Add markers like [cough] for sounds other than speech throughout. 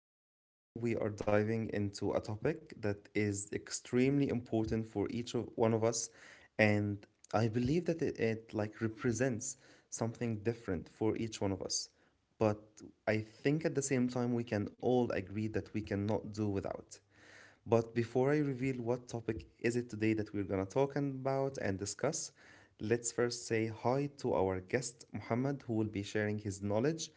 and today we are diving into a topic that is extremely important for each of one of us, and I believe that it like represents something different for each one of us. But I think at the same time we can all agree that we cannot do without. But before I reveal what topic is it today that we're gonna talk about and discuss, let's first say hi to our guest Muhammad, who will be sharing his knowledge,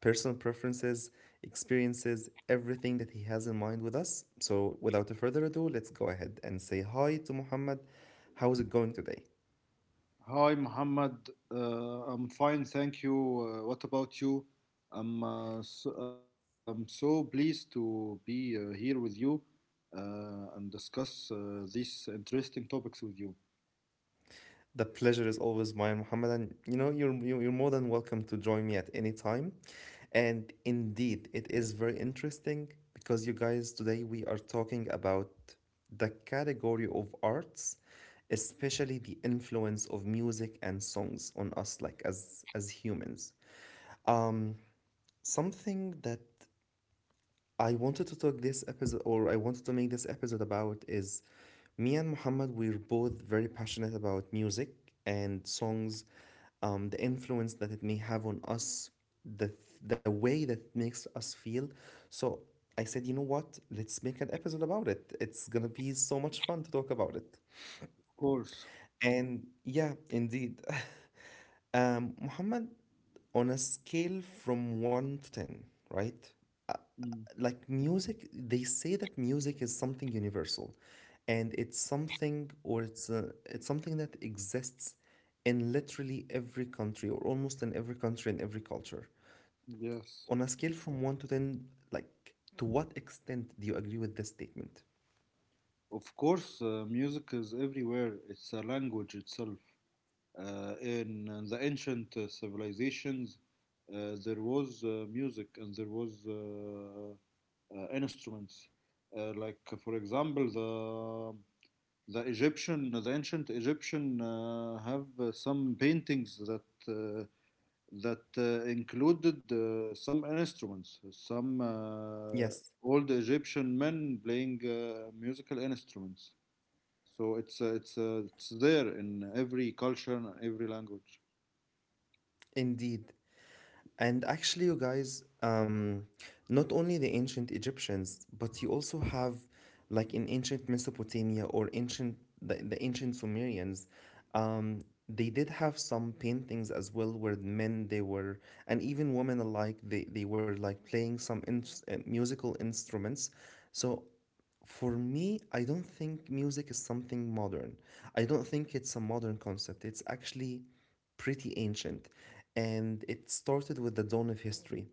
personal preferences, experiences, everything that he has in mind with us. So without further ado, let's go ahead and say hi to Muhammad. How is it going today? Hi, Muhammad. I'm fine, thank you. What about you? I'm so pleased to be here with you and discuss these interesting topics with you. The pleasure is always mine, Muhammad. And you're more than welcome to join me at any time. And indeed, it is very interesting because you guys, today we are talking about the category of arts, especially the influence of music and songs on us, like as humans. Something that I wanted to talk this episode, or I wanted to make this episode about is me and Muhammad, we're both very passionate about music and songs, the influence that it may have on us, the, the way that it makes us feel. So I said, you know what? Let's make an episode about it. It's gonna be so much fun to talk about it. Of course. And yeah, indeed. [laughs] Muhammad, on a scale from 1 to 10, right? Mm, Like music, they say that music is something universal and it's something or it's something that exists in literally every country or almost in every country and every culture. yes. On a scale from 1 to 10, like to what extent do you agree with this statement? Of course, music is everywhere. It's a language itself. In the ancient civilizations, there was music and there was instruments. Like for example, the Egyptian, the ancient Egyptian have some paintings that included some instruments. Some Yes. Old Egyptian men playing musical instruments. So it's there in every culture, and every language. Indeed. And actually, you guys, not only the ancient Egyptians, but you also have, like in ancient Mesopotamia or ancient the ancient Sumerians, um, they did have some paintings as well where men they were and even women alike they were like playing some musical instruments. So for me, I don't think music is something modern. I don't think it's a modern concept. It's actually pretty ancient. And it started with the dawn of history.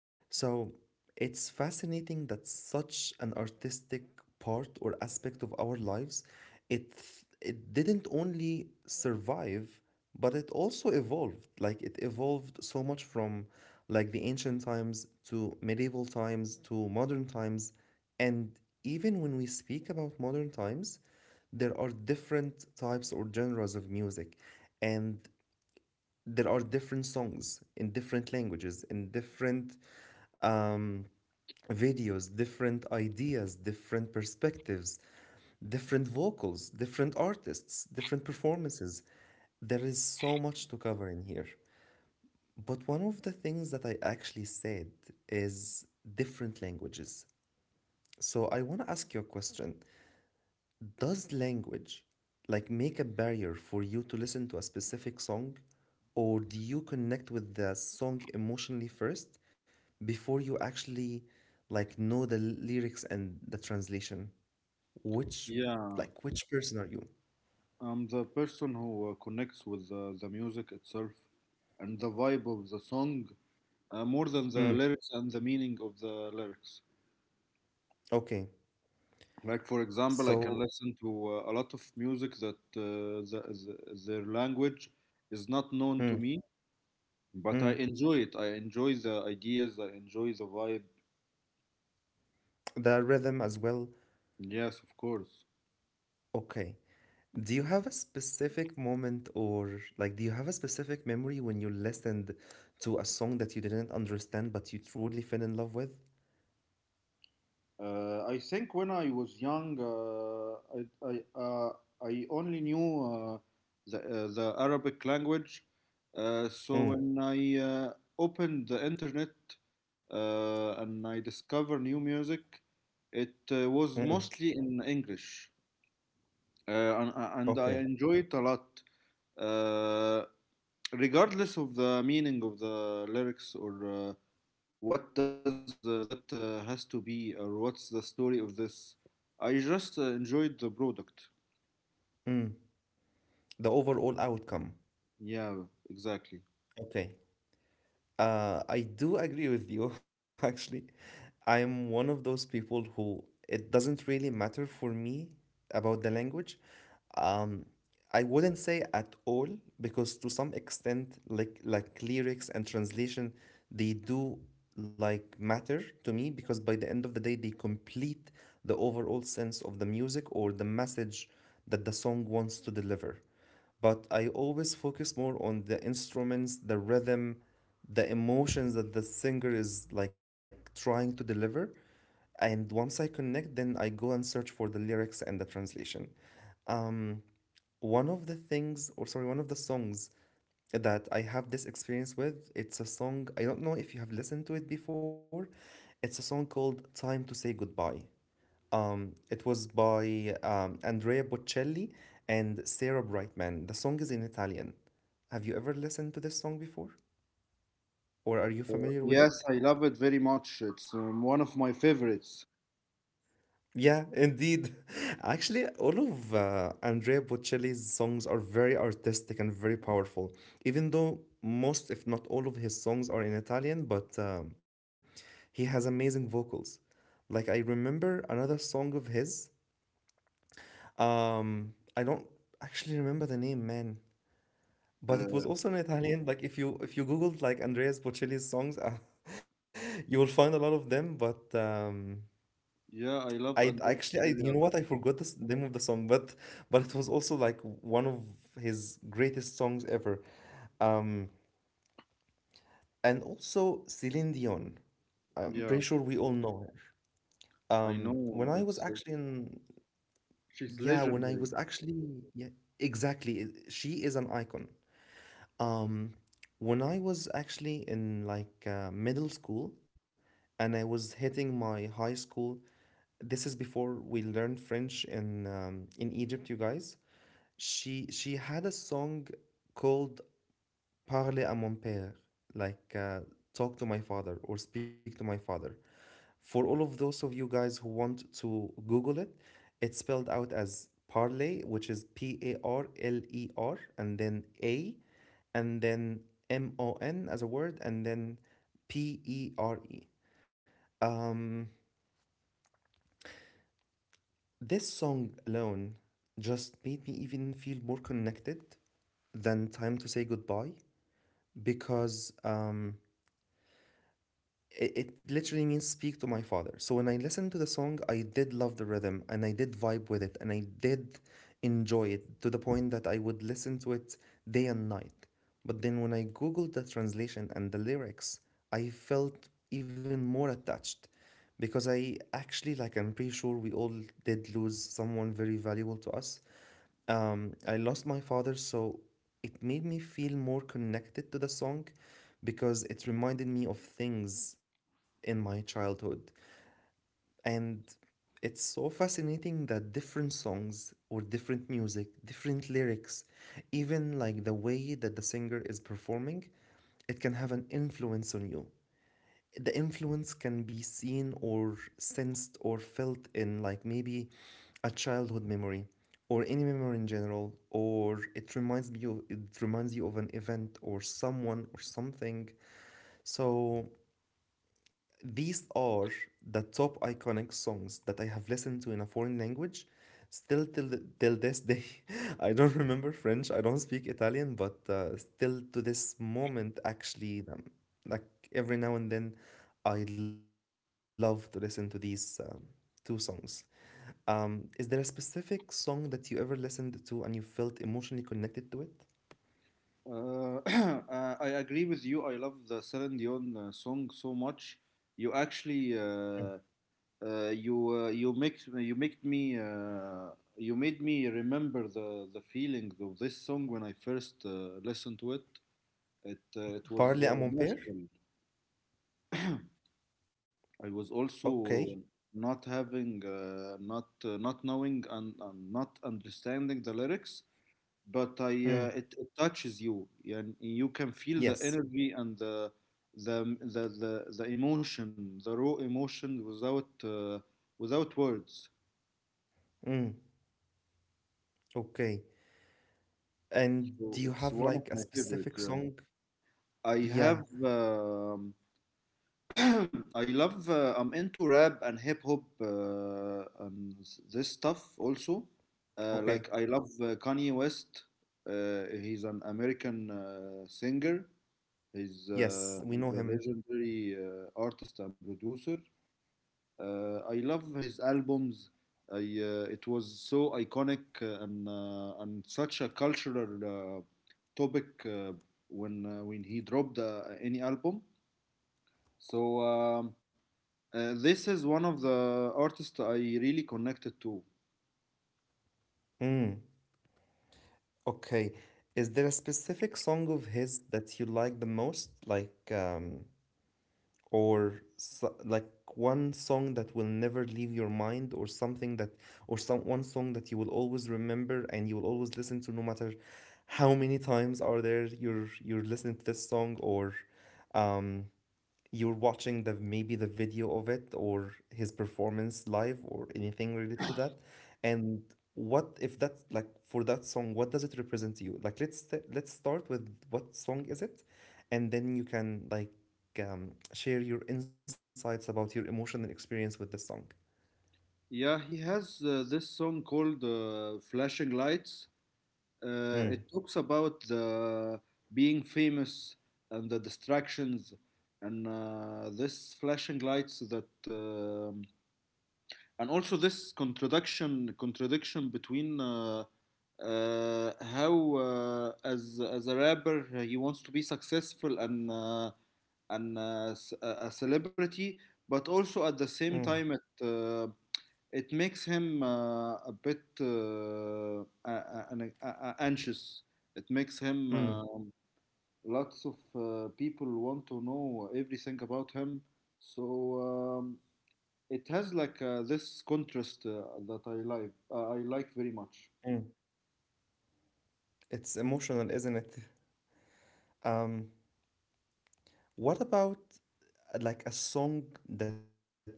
So it's fascinating that such an artistic part or aspect of our lives, it it didn't only survive, but it also evolved. Like it evolved so much from like the ancient times to medieval times to modern times. And even when we speak about modern times, there are different types or genres of music and there are different songs in different languages in different um, videos, different ideas, different perspectives, different vocals, different artists, different performances. There is so much to cover in here. But one of the things that I actually said is different languages. So I want to ask you a question. Does language like make a barrier for you to listen to a specific song, or do you connect with the song emotionally first before you actually like know the lyrics and the translation? Which Yeah, which person are you? I'm the person who connects with the music itself and the vibe of the song more than the Mm, lyrics and the meaning of the lyrics. okay. Like for example, I can So listen to a lot of music that their language is not known to mm, me, but I mm, enjoy it. I enjoy the ideas. I enjoy the vibe. the rhythm as well. Yes, of course. Okay. Do you have a specific moment, or like do you have a specific memory when you listened to a song that you didn't understand but you truly fell in love with? I think when I was young, I, I, uh, I only knew the Arabic language. Uh, so Mm, when I uh, opened the internet and I discovered new music, it was mm, mostly in English. And okay. I enjoy it a lot, uh, regardless of the meaning of the lyrics or what does that has to be, or what's the story of this? I just enjoyed the product. Mm. The overall outcome. Yeah, exactly. Okay. I do agree with you, [laughs] actually. I'm one of those people who it doesn't really matter for me about the language. Um, I wouldn't say at all, because to some extent, like lyrics and translation, they do like matter to me, because by the end of the day, they complete the overall sense of the music or the message that the song wants to deliver. But I always focus more on the instruments, the rhythm, the emotions that the singer is like trying to deliver. And once I connect, then I go and search for the lyrics and the translation. Um, One of the things, or sorry, one of the songs that I have this experience with, it's a song, I don't know if you have listened to it before. It's a song called Time to Say Goodbye. It was by Andrea Bocelli and Sarah Brightman. The song is in Italian. Have you ever listened to this song before? Or are you familiar with Yes, it? I love it very much. It's one of my favorites. Yeah, indeed. [laughs] Actually, all of Andrea Bocelli's songs are very artistic and very powerful. Even though most, if not all, of his songs are in Italian, but he has amazing vocals. Like, I remember another song of his. I don't actually remember the name, man. But it was Uh, also in Italian. Like if you googled like Andreas Bocelli's songs, [laughs] you will find a lot of them. But yeah, I love I Andrea actually I Bocelli a you know lot. what, I forgot the name of the song, but it was also like one of his greatest songs ever. Um, and also Celine Dion. I'm Yeah, pretty sure we all know her. I When know. I was It's actually in She's Yeah, when I legendary. was actually yeah, exactly, she is an icon. Um, when I was actually in like middle school, and I was hitting my high school, this is before we learned French in Egypt, you guys. She had a song called Parle à mon père, like talk to my father or speak to my father. For all of those of you guys who want to Google it, it's spelled out as Parley, which is Parler, and then A, and then mon as a word, and then père. Um, this song alone just made me even feel more connected than Time to Say Goodbye, because it literally means speak to my father. So when I listened to the song, I did love the rhythm and I did vibe with it and I did enjoy it to the point that I would listen to it day and night. But then when I googled the translation and the lyrics, I felt even more attached, because I actually, like, I'm pretty sure we all did lose someone very valuable to us. I lost my father, so it made me feel more connected to the song, because it reminded me of things in my childhood. And it's so fascinating that different songs or different music, different lyrics, even like the way that the singer is performing, it can have an influence on you. The influence can be seen or sensed or felt in like maybe a childhood memory or any memory in general, or it reminds you of an event or someone or something. So these are the top iconic songs that I have listened to in a foreign language. Still till this day, [laughs] I don't remember French. I don't speak Italian, but still to this moment, actually, like every now and then, I love to listen to these two songs. Is there a specific song that you ever listened to and you felt emotionally connected to it? [clears throat] I agree with you. I love the Celine Dion song so much. You actually Mm. You you make me You made me remember the feeling of this song when I first listened to it. It was Parle à mon père? magical. I was also Okay. not having not knowing and not understanding the lyrics, but Mm. It touches you and you can feel the Yes. energy and the emotion, the raw emotion without without words. Mm. Okay. And So do you it's have one of like a my favorite. specific Yeah. song? I Yeah. have. [clears throat] I love. I'm into rap and hip hop and this stuff also. Uh, Okay. like I love Kanye West. He's an American singer. He's, uh, Yes, we he's know a him. legendary artist and producer. I love his albums. I it was so iconic and such a cultural topic when when he dropped any album. So this is one of the artists I really connected to. Mm. Okay. Is there a specific song of his that you like the most? Like or so, like one song that will never leave your mind or something that, or some one song that you will always remember and you will always listen to, no matter how many times are there you're listening to this song, or um you're watching the maybe the video of it or his performance live or anything related to that, and what if that, like for that song, what does it represent to you? Like let's start with what song is it, and then you can like share your insights about your emotional experience with this song. Yeah, he has this song called "Flashing Lights." Uh, Mm, it talks about the being famous and the distractions and this flashing lights that and also this contradiction between how as a rapper he wants to be successful and a celebrity, but also at the mm, same time it makes him a bit anxious. It makes him mm, lots of people want to know everything about him. So um, it has like this contrast that I like. I like very much. mm. It's emotional, isn't it? um what about like a song that you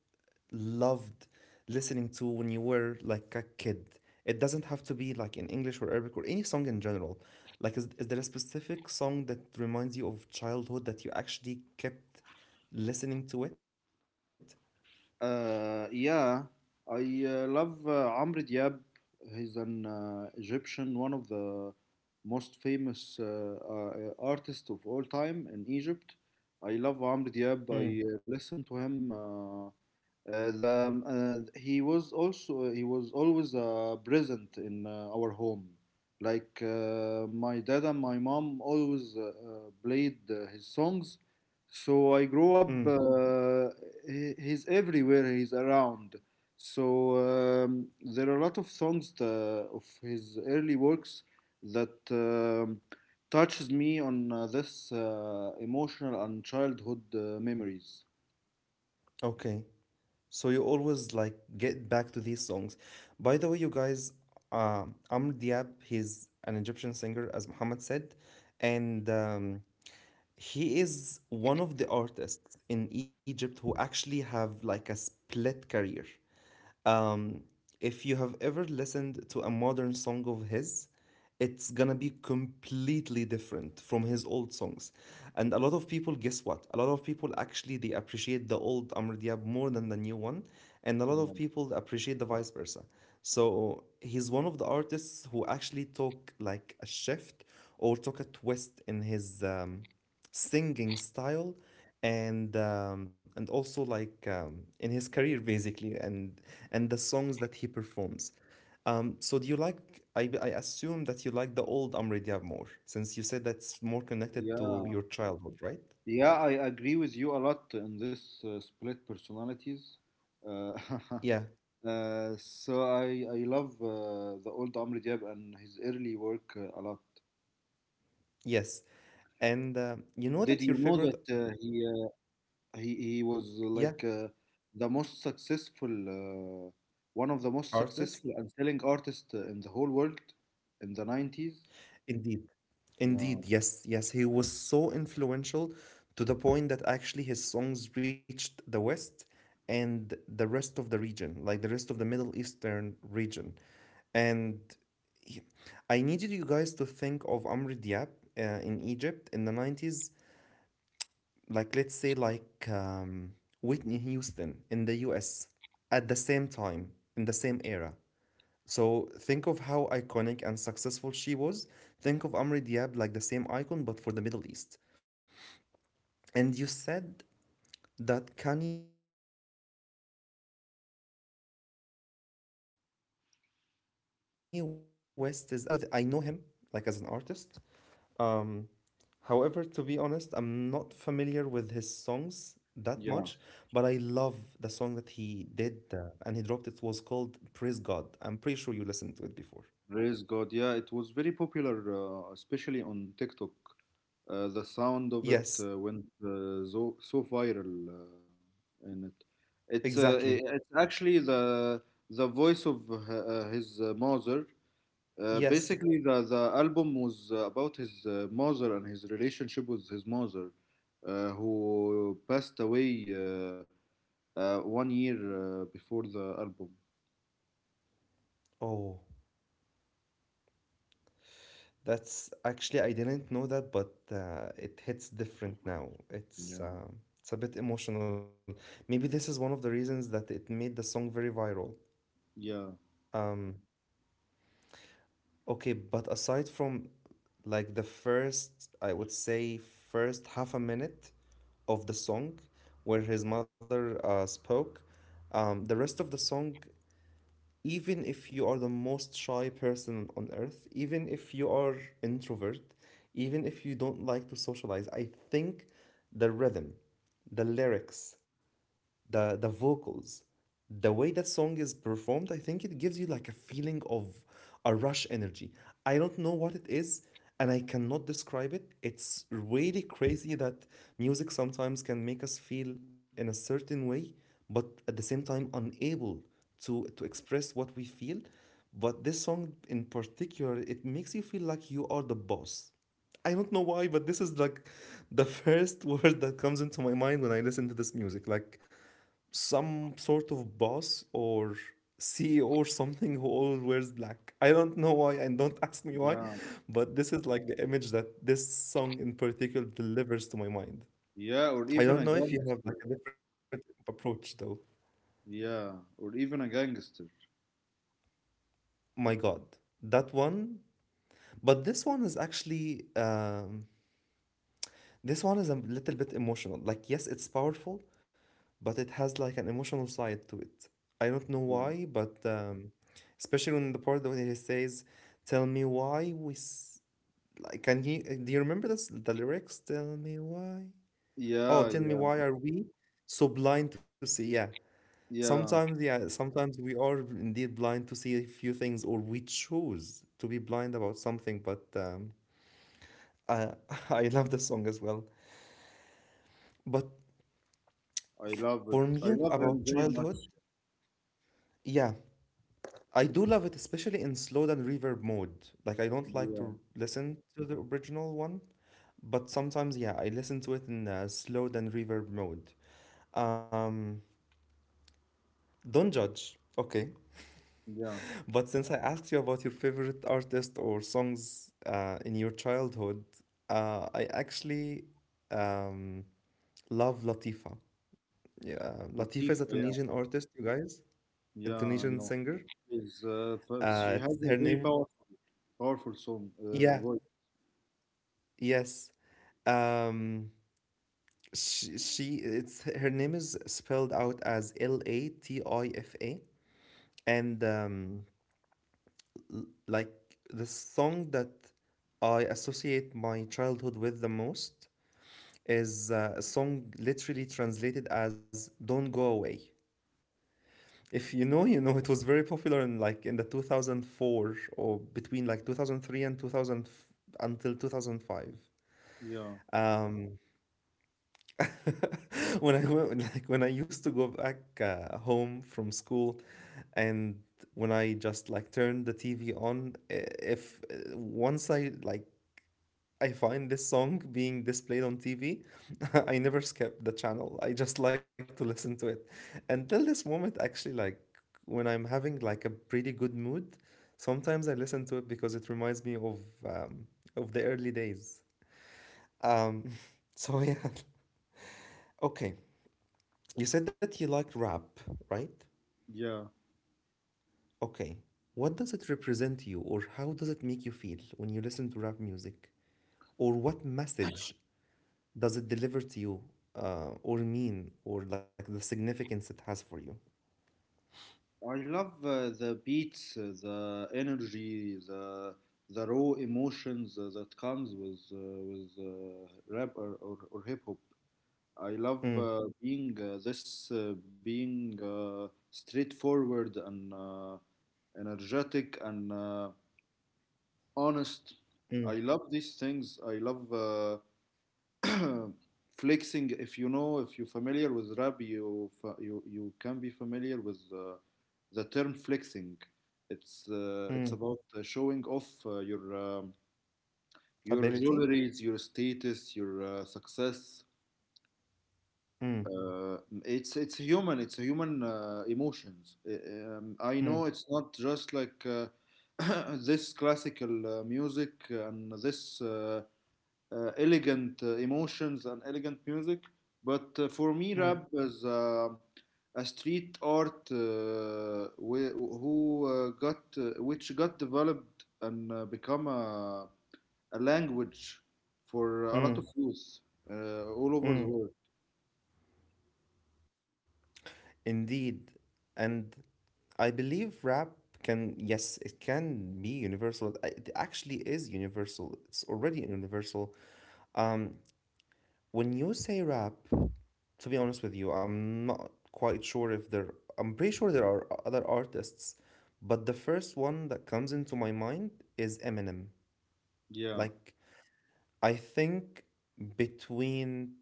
loved listening to when you were like a kid? It doesn't have to be like in English or Arabic or any song in general. Like, is there a specific song that reminds you of childhood that you actually kept listening to it? Uh, yeah, I love Amr Diab. He's an Egyptian, one of the most famous artists of all time in Egypt. I love Amr Diab. I Mm. Listen to him the, He was also he was always present in our home. Like my dad and my mom always played his songs, so I grew Mm. up. He, he's everywhere. He's around. So um, there are a lot of songs of his early works that touches me on this emotional and childhood memories. Okay. So you always like get back to these songs. By the way, you guys, Amr Diab, he's an Egyptian singer, as Muhammad said, and he is one of the artists in Egypt who actually have like a split career. Um, if you have ever listened to a modern song of his, it's gonna be completely different from his old songs. And a lot of people, guess what? A lot of people actually they appreciate the old Amr Diab more than the new one, and a lot Yeah. of people appreciate the vice versa. So he's one of the artists who actually took like a shift or took a twist in his singing style and also like in his career basically and the songs that he performs. So do you like? I assume that you like the old Amr Diab more, since you said that's more connected to Yeah. your childhood, right? Yeah, I agree with you a lot in this split personalities. Uh, Yeah. [laughs] So I love the old Amr Diab and his early work a lot. Yes. And you know Did that you your know favorite, that he he was yeah, like the most successful one of the artist, most successful and selling artists in the whole world in the 90s? indeed. Indeed, yes, yes, he was so influential to the point that actually his songs reached the West and the rest of the region, like the rest of the Middle Eastern region. And he- I needed you guys to think of Amr Diab uh, in Egypt in the 90s, like let's say like Whitney Houston in the US at the same time, in the same era. So think of how iconic and successful she was. Think of Amri Diab like the same icon but for the Middle East. And you said that Kanye West is actually your favorite artist. Now I'm not familiar with. I know him like as an artist. However, to be honest, I'm not familiar with his songs that much. But I love the song that Yeah. he did and he dropped. It was called "Praise God." I'm pretty sure you listened to it before. Praise God. Yeah, it was very popular, especially on TikTok. The sound of it Yes, went so so viral in it. Exactly. It's actually the voice of his mother. Basically, the Yes. the album was about his mother and his relationship with his mother, who passed away 1 year before the album. Oh. That's actually I didn't know that, but it hits different now. Yeah. It's a bit emotional. Maybe this is one of the reasons that it made the song very viral. Yeah. Um, okay, but aside from like the first, I would say first half a minute of the song where his mother spoke, the rest of the song, even if you are the most shy person on earth, even if you are introvert, even if you don't like to socialize, I think the rhythm, the lyrics, the vocals, the way that song is performed, I think it gives you like a feeling of a rush energy. I don't know what it is, and I cannot describe it. It's really crazy that music sometimes can make us feel in a certain way but at the same time unable to express what we feel. But this song in particular, it makes you feel like you are the boss. I don't know why, but this is like the first [laughs] word that comes into my mind when I listen to this music. Like some sort of boss or CEO or something who always wears black. I don't know why and don't [laughs] ask me why, Yeah. but this is like the image that this song in particular delivers to my mind. Yeah, or even I a don't know if you gangster. have like a different approach though. Yeah, or even a gangster. My God, that one. But this one is a little bit emotional. Like yes, it's powerful, but it has like an emotional side to it. I don't know Yeah, why, but especially when the part when he says, "Tell me why we," like, can he? Do you remember this, the lyrics? Tell me why. Oh, yeah, tell me yeah, why are we so blind to see? Yeah. Yeah, sometimes we are indeed blind to see a few things, or we choose to be blind about something. But I [laughs] I love the song as well. But I love it. for I me, love him about very childhood, much. yeah, I do love it, especially in slow down reverb mode. Like I don't like Yeah, to listen to the original one, but sometimes yeah, I listen to it in slow down reverb mode. Mm, don't judge, okay? yeah. [laughs] But since I asked you about your favorite artist or songs in your childhood, I actually um, love Latifa. Yeah, Latifa is a Latifah, yeah, Tunisian artist, you guys, a yeah. I Tunisian know. singer. She It's has a her very name. powerful, powerful song, Yeah, voice. yes. Um, she it's her name is spelled out as Latifa and like the song that I associate my childhood with the most is a song literally translated as Don't Go Away. If you know, you know it was very popular in like in the 2004 or between like 2003 and 2000 until 2005. Yeah, Um [laughs] when I went, like when I used to go back home from school, and when I just like turn the TV on, if once I find this song being displayed on TV, [laughs] I never skip the channel. I just [laughs] like to listen to it. Until this moment, actually, like when I'm having like a pretty good mood, sometimes I listen to it because it reminds me um, of the early days. Um, [laughs] so yeah, [laughs] okay. You said that you liked rap, right? yeah. Okay. What does it represent to you, or how does it make you feel when you listen to rap music? Or what message does it deliver to you, or mean, or like the significance it has for you? I love the beats, the energy, the raw emotions that comes with rap or hip hop. I love Mm, being straightforward and energetic and honest. I mm, love these things. I love uh, [clears throat] flexing. If you know, if you're familiar with rap, you you can be familiar with the term flexing. Mm. It's about showing off your Ability? jewelries, your status, your success. Mm, Uh, it's human. It's human emotions. I know mm, it's not just like [coughs] [clears throat] this classical music and this elegant emotions and elegant music, but for me, rap mm, is a street art wh- who got which got developed and become a language for a lot of mm, youth all over the mm. world. Indeed. And I believe rap can, yes, it can be universal. It actually is universal. It's already universal. Um, When you say rap, to be honest with you, I'm not quite sure if there. I'm pretty sure there are other artists, but the first one that comes into my mind is Eminem. Yeah. Like I think between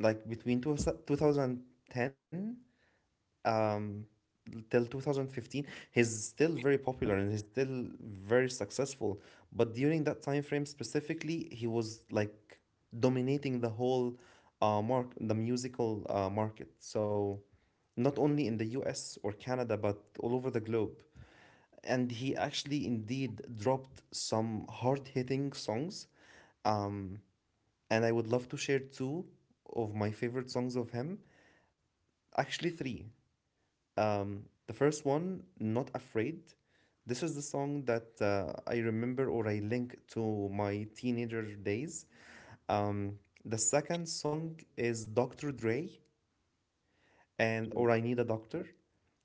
between 2010 um till 2015. He's still very popular and he's still very successful, but during that time frame specifically he was like dominating the whole mark the musical market. So not only in the US or Canada but all over the globe. And he actually indeed dropped some hard-hitting songs. Um and I would love to share two of my favorite songs of him, actually three. The first one, Not Afraid. This is the song that I remember or I link to my teenager days. Um, the second song is Dr. Dre and, or I Need a Doctor.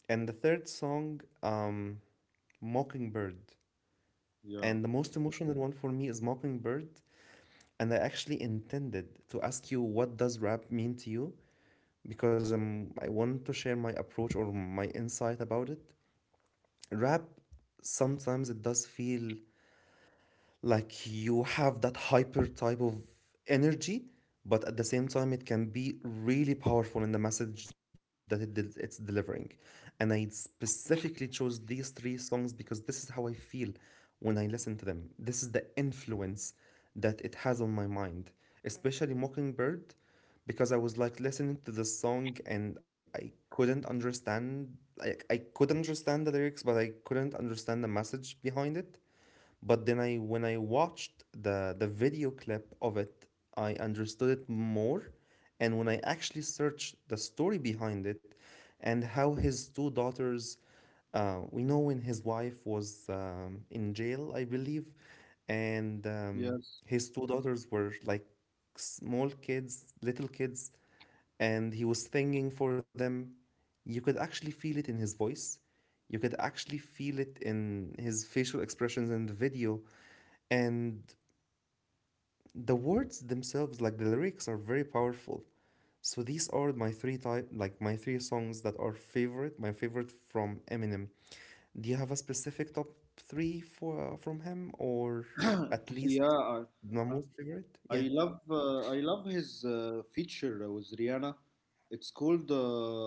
And the third song, Mockingbird. Yeah. And the most emotional one for me is Mockingbird. And I actually intended to ask you what does rap mean to you because I want to share my approach or my insight about it. Rap sometimes it does feel like you have that hyper type of energy, but at the same time it can be really powerful in the message that it's delivering. And I specifically chose these three songs because this is how I feel when I listen to them. This is the influence that it has on my mind, especially Mockingbird. Because I was like listening to the song and I couldn't understand, like, I could understand the lyrics but I couldn't understand the message behind it. But then I when I watched the video clip of it, I understood it more. And when I actually searched the story behind it and how his two daughters we know when his wife was in jail, I believe, Yes. and his two daughters were like small kids, little kids, and he was singing for them. You could actually feel it in his voice. You could actually feel it in his facial expressions in the video and the words themselves, like the lyrics, are very powerful. So these are my three songs that are favorite, my favorite from Eminem. Do you have a specific top three for from him, or [clears throat] at Yeah. least my most favorite? I Yeah, love his feature with Rihanna. It's called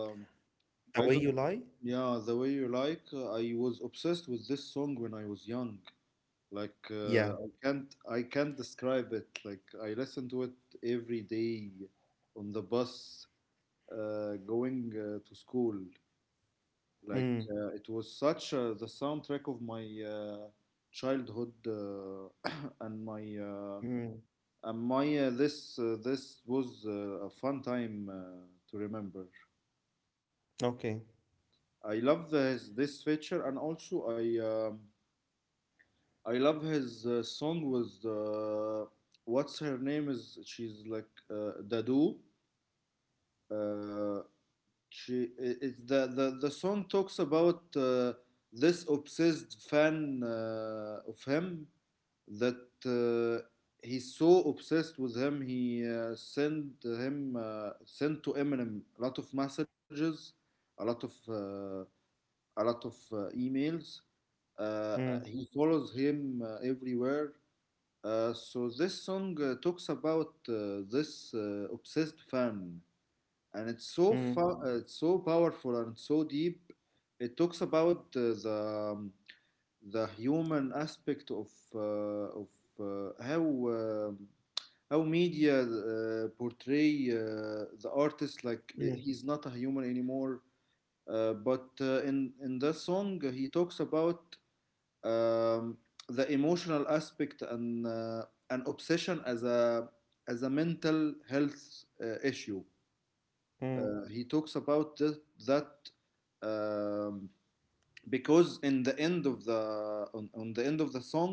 The I Way don't. You Lie. Yeah, the way you like. I was obsessed with this song when I was young. Like I Yeah. can't I can't describe it. Like I listen to it every day on the bus going to school. Like Mm. uh, it was such the soundtrack of my childhood [clears throat] [coughs] and my uh, Mm. and my this this was a fun time to remember. Okay. I love this this feature and also I love his song with what's her name is she's like Dadu. Uh, She it's the song talks about this obsessed fan of him that uh, he's so obsessed with him he sent to Eminem a lot of messages, a lot of uh, a lot of emails. He Mm. follows him everywhere. So this song talks about this obsessed fan and Mm. it's so powerful and so deep. It talks about the human aspect of uh, how um how media portray the artist like he's not a Mm. human anymore. But in that song, he talks about um, the emotional aspect and an obsession as a mental health issue. He Mm. talks about that um, because in the end of the on the end of the song,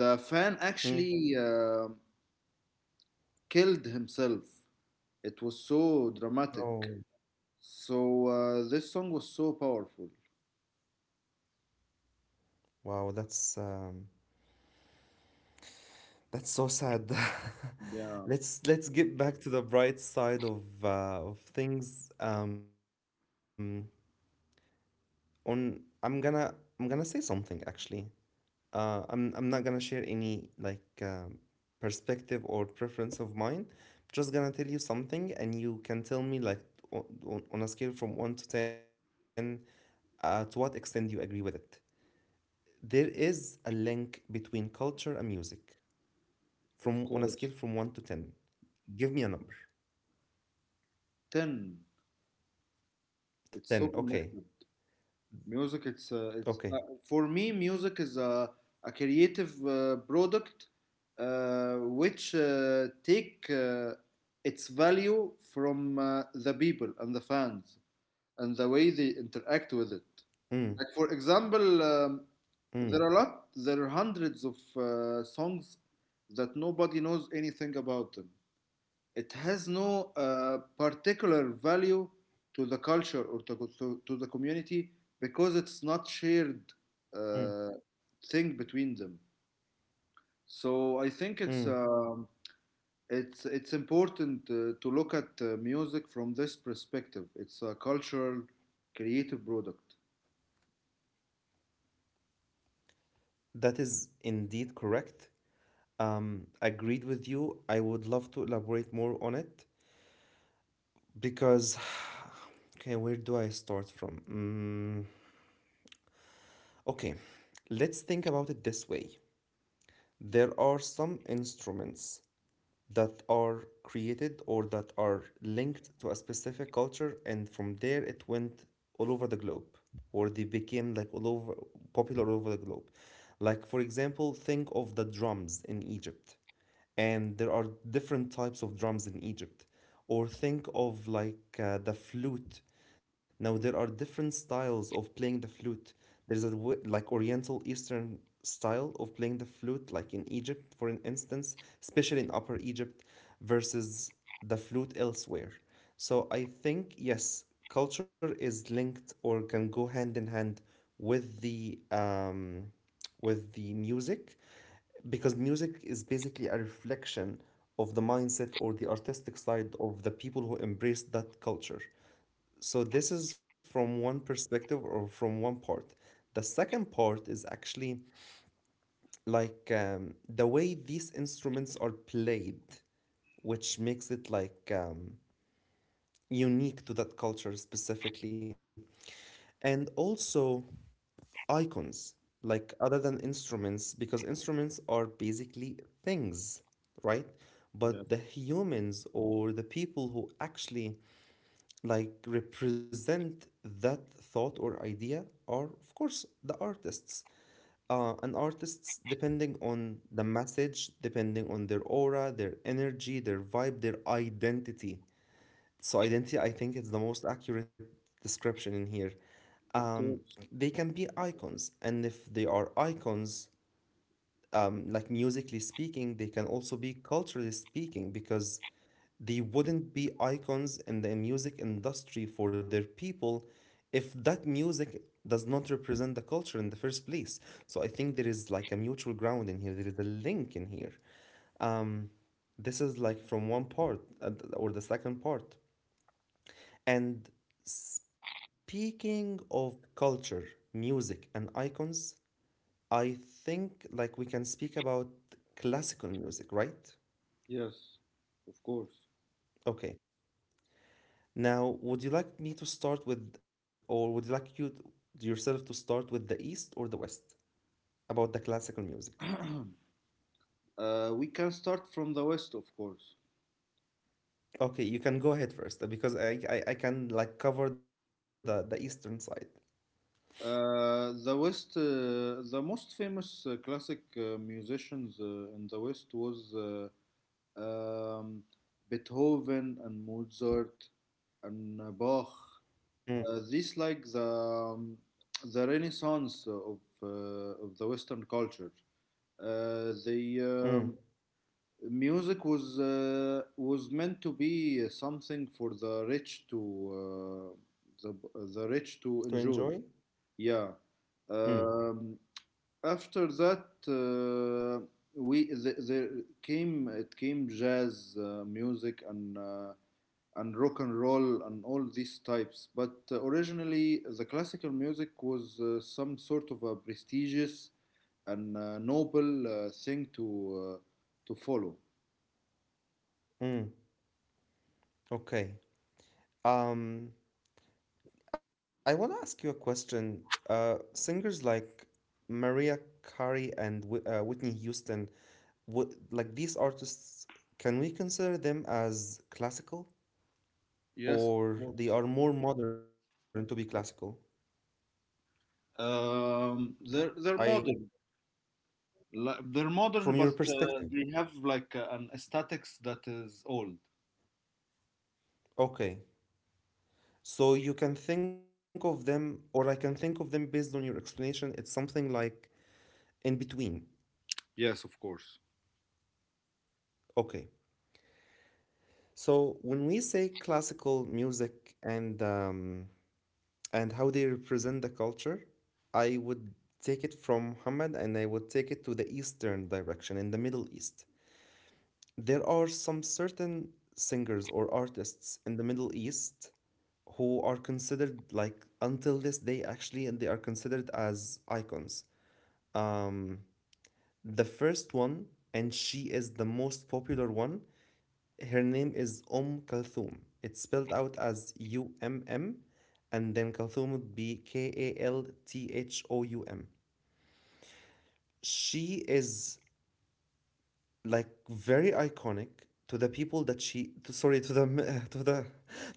the fan Mm. actually killed himself. It was so dramatic. Oh, So this song was so powerful. wow, that's so sad. [laughs] Yeah, Let's get back to the bright side of things. On I'm gonna say something actually. I'm not gonna share any perspective or preference of mine. Just gonna tell you something, and you can tell me on a scale from 1 to 10, to what extent you agree with it. There is a link between culture and music from of on a scale course. from one to ten. Give me a number. 10. It's 10. so Okay. connected. Music, it's Okay. For me, music is a creative product which take its value from the people and the fans and the way they interact with it. Mm, Like for example, mm, there are hundreds of songs that nobody knows anything about them. It has no particular value to the culture or to the community because it's not shared mm, uh, thing between them. So I think mm. it's important to look at music from this perspective. It's a cultural creative product. That is indeed correct. Agreed with you. I would love to elaborate more on it because, [sighs] okay, where do I start from? Mm, okay, let's think about it this way. There are some instruments that are created or that are linked to a specific culture and from there it went all over the globe, or they became like all over popular all over the globe, like for example think of the drums in Egypt, and there are different types of drums in Egypt. Or think of like the flute. Now there are different styles of playing the flute. There's a Oriental Eastern style of playing the flute, like in Egypt, for an instance, especially in Upper Egypt, versus the flute elsewhere. So I think yes, culture is linked or can go hand in hand with the um, with the music, because music is basically a reflection of the mindset or the artistic side of the people who embrace that culture. So this is from one perspective or from one part. The second part is actually the way these instruments are played, which makes it unique to that culture specifically. And also, icons, like other than instruments, because instruments are basically things, right? But Yes, the humans or the people who actually like represent that thought or idea are of course the artists, and artists, depending on the message, depending on their aura, their energy, their vibe, their identity. So identity, I think it's the most accurate description in here of um, course. they can be icons. And if they are icons, like musically speaking, they can also be culturally speaking, because they wouldn't be icons in the music industry for their people if that music does not represent the culture in the first place. So I think there is like a mutual ground in here, there is a link in here. Um, This is like from one part or the second part. And speaking of culture, music, and icons, I think like we can speak about classical music, right? Yes, of course. Okay. Now, would you like me to start with, or would you like yourself to start with the East or the West about the classical music? [clears throat] uh, we can start from the west, of course. Okay, you can go ahead first, because I can like cover the Eastern side. The West, the most famous classic musicians in the West was um, Beethoven and Mozart and Bach. Mm, These like the Renaissance of the Western culture. The mm. um, Music was meant to be something for the rich to uh, the the rich To to enjoy? enjoy. Yeah. Mm, Um, after that, we th there came it came jazz music and rock and roll and all these types. But originally, the classical music was some sort of a prestigious and noble thing to follow. mm. Okay. Um, I want to ask you a question. Singers like Mariah Carey and Whitney Houston, would like these artists, can we consider them as classical, Yes, of or course. they are more modern to be classical? They're I modern. They're modern, from your but perspective. they have like an aesthetics that is old. Okay, so you can think of them, or I can think of them based on your explanation, it's something like in between. Yes, of course. Okay. So when we say classical music and how they represent the culture, I would take it from Muhammad and I would take it to the Eastern direction in the Middle East. There are some certain singers or artists in the Middle East who are considered like until this day, actually they are considered as icons. Um, the first one, and she is the most popular one, her name is Kalthum. It's spelled out as Umm, and then Kalthum would be Kalthoum. She is like very iconic to the people that she to, sorry to the [laughs] to the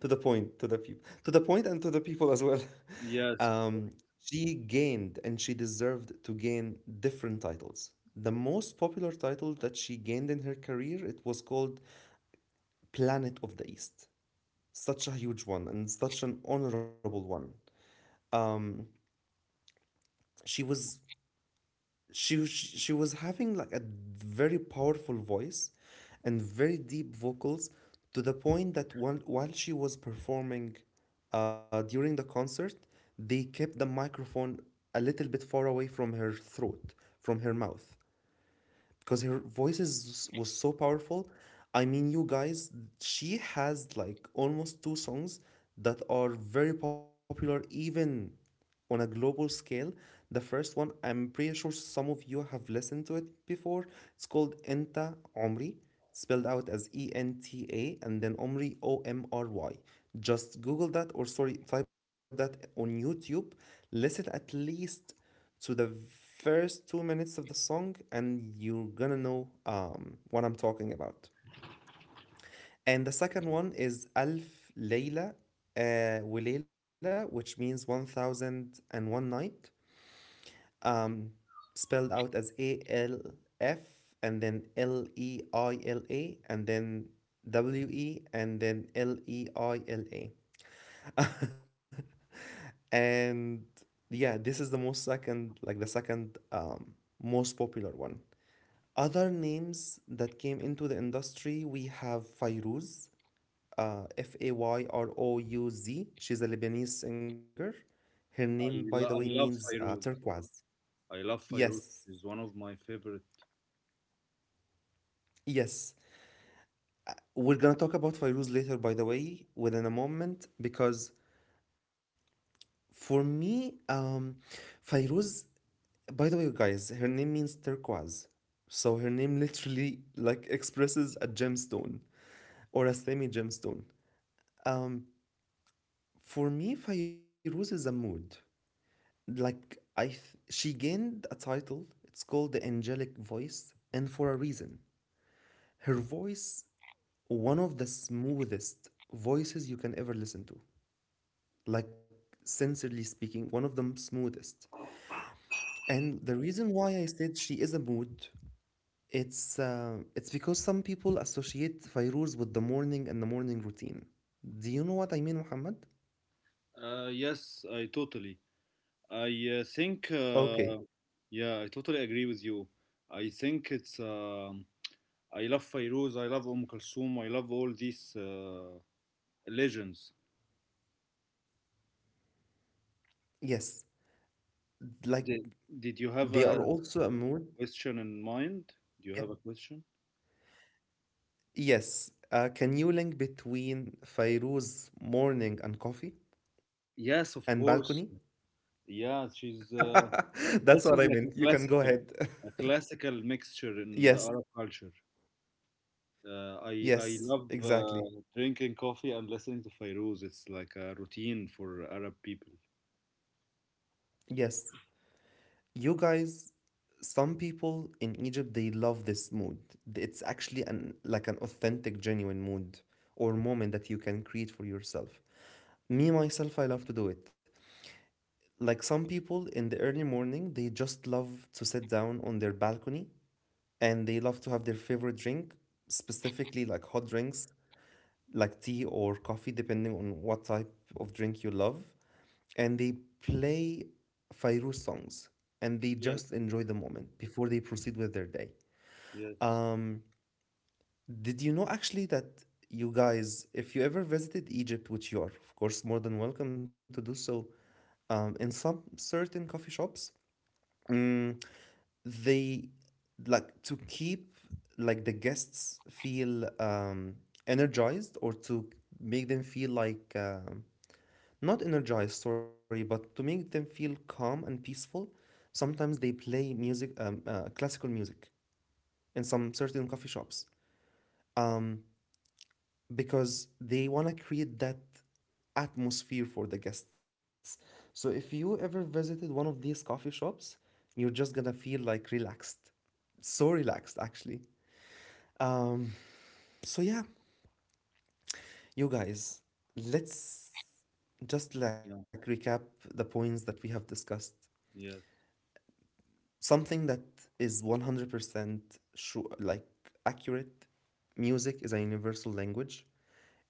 to the point to the people, to the point and to the people as well. [laughs] Yes, of cou- Um, she gained and she deserved to gain different titles. The most popular title that she gained in her career, it was called Planet of the East. Such a huge one and such an honorable one. She was, she was having like a very powerful voice and very deep vocals, to the point that one while she was performing during the concert, they kept the microphone a little bit far away from her throat, from her mouth, because her voice is, was so powerful. I mean, you guys, she has like almost two songs that are very popular even on a global scale. The first one, I'm pretty sure some of you have listened to it before. It's called Enta Omri, spelled out as Enta, and then Omri Omry. Just Google that, or sorry, type that on YouTube. Listen at least to the first 2 minutes of the song and you're gonna know what I'm talking about. And the second one is Alf Layla Wilayla, which means 1001 night, um, spelled out as Alf, and then Leila, and then W E, and then Leila. [laughs] And yeah, this is the most second, like the second most popular one. Other names that came into the industry, we have Fairuz, Fayrouz. She's a Lebanese singer. Her name, by the way, I means love Fairuz. turquoise. I love Fairuz. Yes, She's one of my favorite. yes. We're gonna talk about Fairuz later, by the way, within a moment, because for me, Fairuz, by the way, guys, her name means turquoise. So her name literally like expresses a gemstone or a semi gemstone. For me, Fairuz is a mood. Like she gained a title. It's called the angelic voice, and for a reason. Her voice, one of the smoothest voices you can ever listen to. Like sincerely speaking, one of the smoothest. And the reason why I said she is a mood, it's because some people associate Fairuz with the morning and the morning routine. Do you know what I mean, Muhammad? Yes, I totally. I think, Okay. Yeah, I totally agree with you. I think it's, um, I love Fairuz, I love Kulthum, I love all these legends. Yes. Like Did, did you have they are a also a mood. question in mind? Do you Yeah. have a question? Yes. Can you link between Fairuz's morning and coffee and Yes, balcony? of course. Yeah, she's, uh, [laughs] That's what I meant. this You is can like go ahead. [laughs] A classical mixture Yes. in the Arab culture. Uh, I Yes. I love Exactly. Drinking coffee and listening to Fairuz. It's like a routine for Arab people. Yes. You guys, some people in Egypt, they love this mood. It's actually an like an authentic, genuine mood or moment that you can create for yourself. Me, myself, I love to do it. Like some people in the early morning, they just love to sit down on their balcony and they love to have their favorite drink, specifically like hot drinks, like tea or coffee, depending on what type of drink you love. And they play Fairuz songs and they Yes, just enjoy the moment before they proceed with their day. yes, Um, did you know actually that, you guys, if you ever visited Egypt, which you are, of course, more than welcome to do so, in some certain coffee shops, mm, they like to keep like the guests feel energized, or to make them feel like not energized, sorry, but to make them feel calm and peaceful. Sometimes they play music, classical music, in some certain coffee shops, um, because they want to create that atmosphere for the guests. So if you ever visited one of these coffee shops, you're just gonna feel like relaxed, so relaxed actually. Um, so yeah, you guys, let's just yeah, like recap the points that we have discussed. yes, Something that is 100% sure, like accurate. Music is a universal language.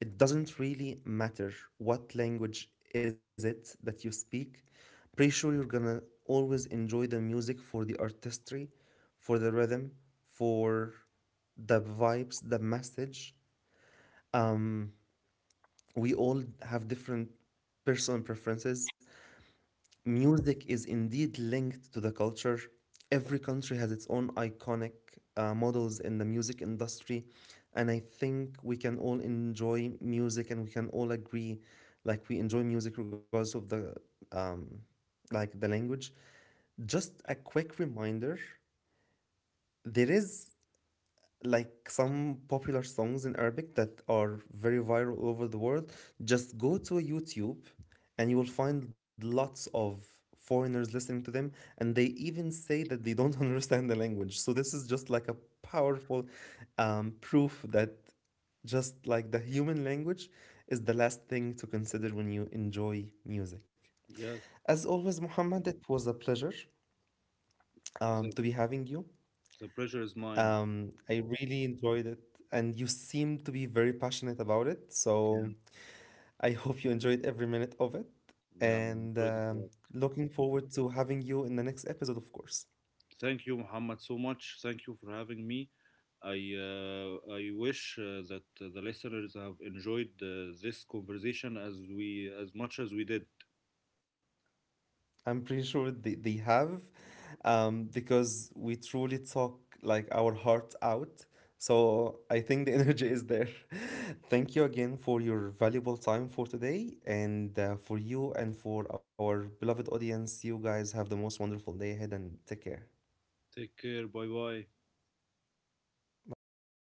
It doesn't really matter what language is it that you speak. Pretty sure you're gonna always enjoy the music for the artistry, for the rhythm, for the vibes, the message. We all have different personal preferences. Music is indeed linked to the culture. Every country has its own iconic models in the music industry, and I think we can all enjoy music and we can all agree, like we enjoy music regardless of the um, like the language. Just a quick reminder, there is like some popular songs in Arabic that are very viral all over the world, just go to a YouTube and you will find lots of foreigners listening to them and they even say that they don't [laughs] understand the language. So this is just like a powerful proof that just like the human language is the last thing to consider when you enjoy music. yes. As always, Muhammad, it was a pleasure The to be having you. the pleasure is mine. I really enjoyed it, and you seem to be very passionate about it. Yeah, So I [laughs] hope you enjoyed every minute of it, yeah. I and enjoyed it a lot. looking forward to having you in the next episode, of course. Thank you, Muhammad, so much. Thank you for having me. I wish that the listeners have enjoyed this conversation as we as much as we did. I'm pretty sure they have, because we truly talk like our hearts out. So I think the [laughs] energy is there. Thank you again for your valuable time for today, and for you and for our beloved audience. You guys have the most wonderful day ahead, and take care. Take care. Bye bye. Bye bye.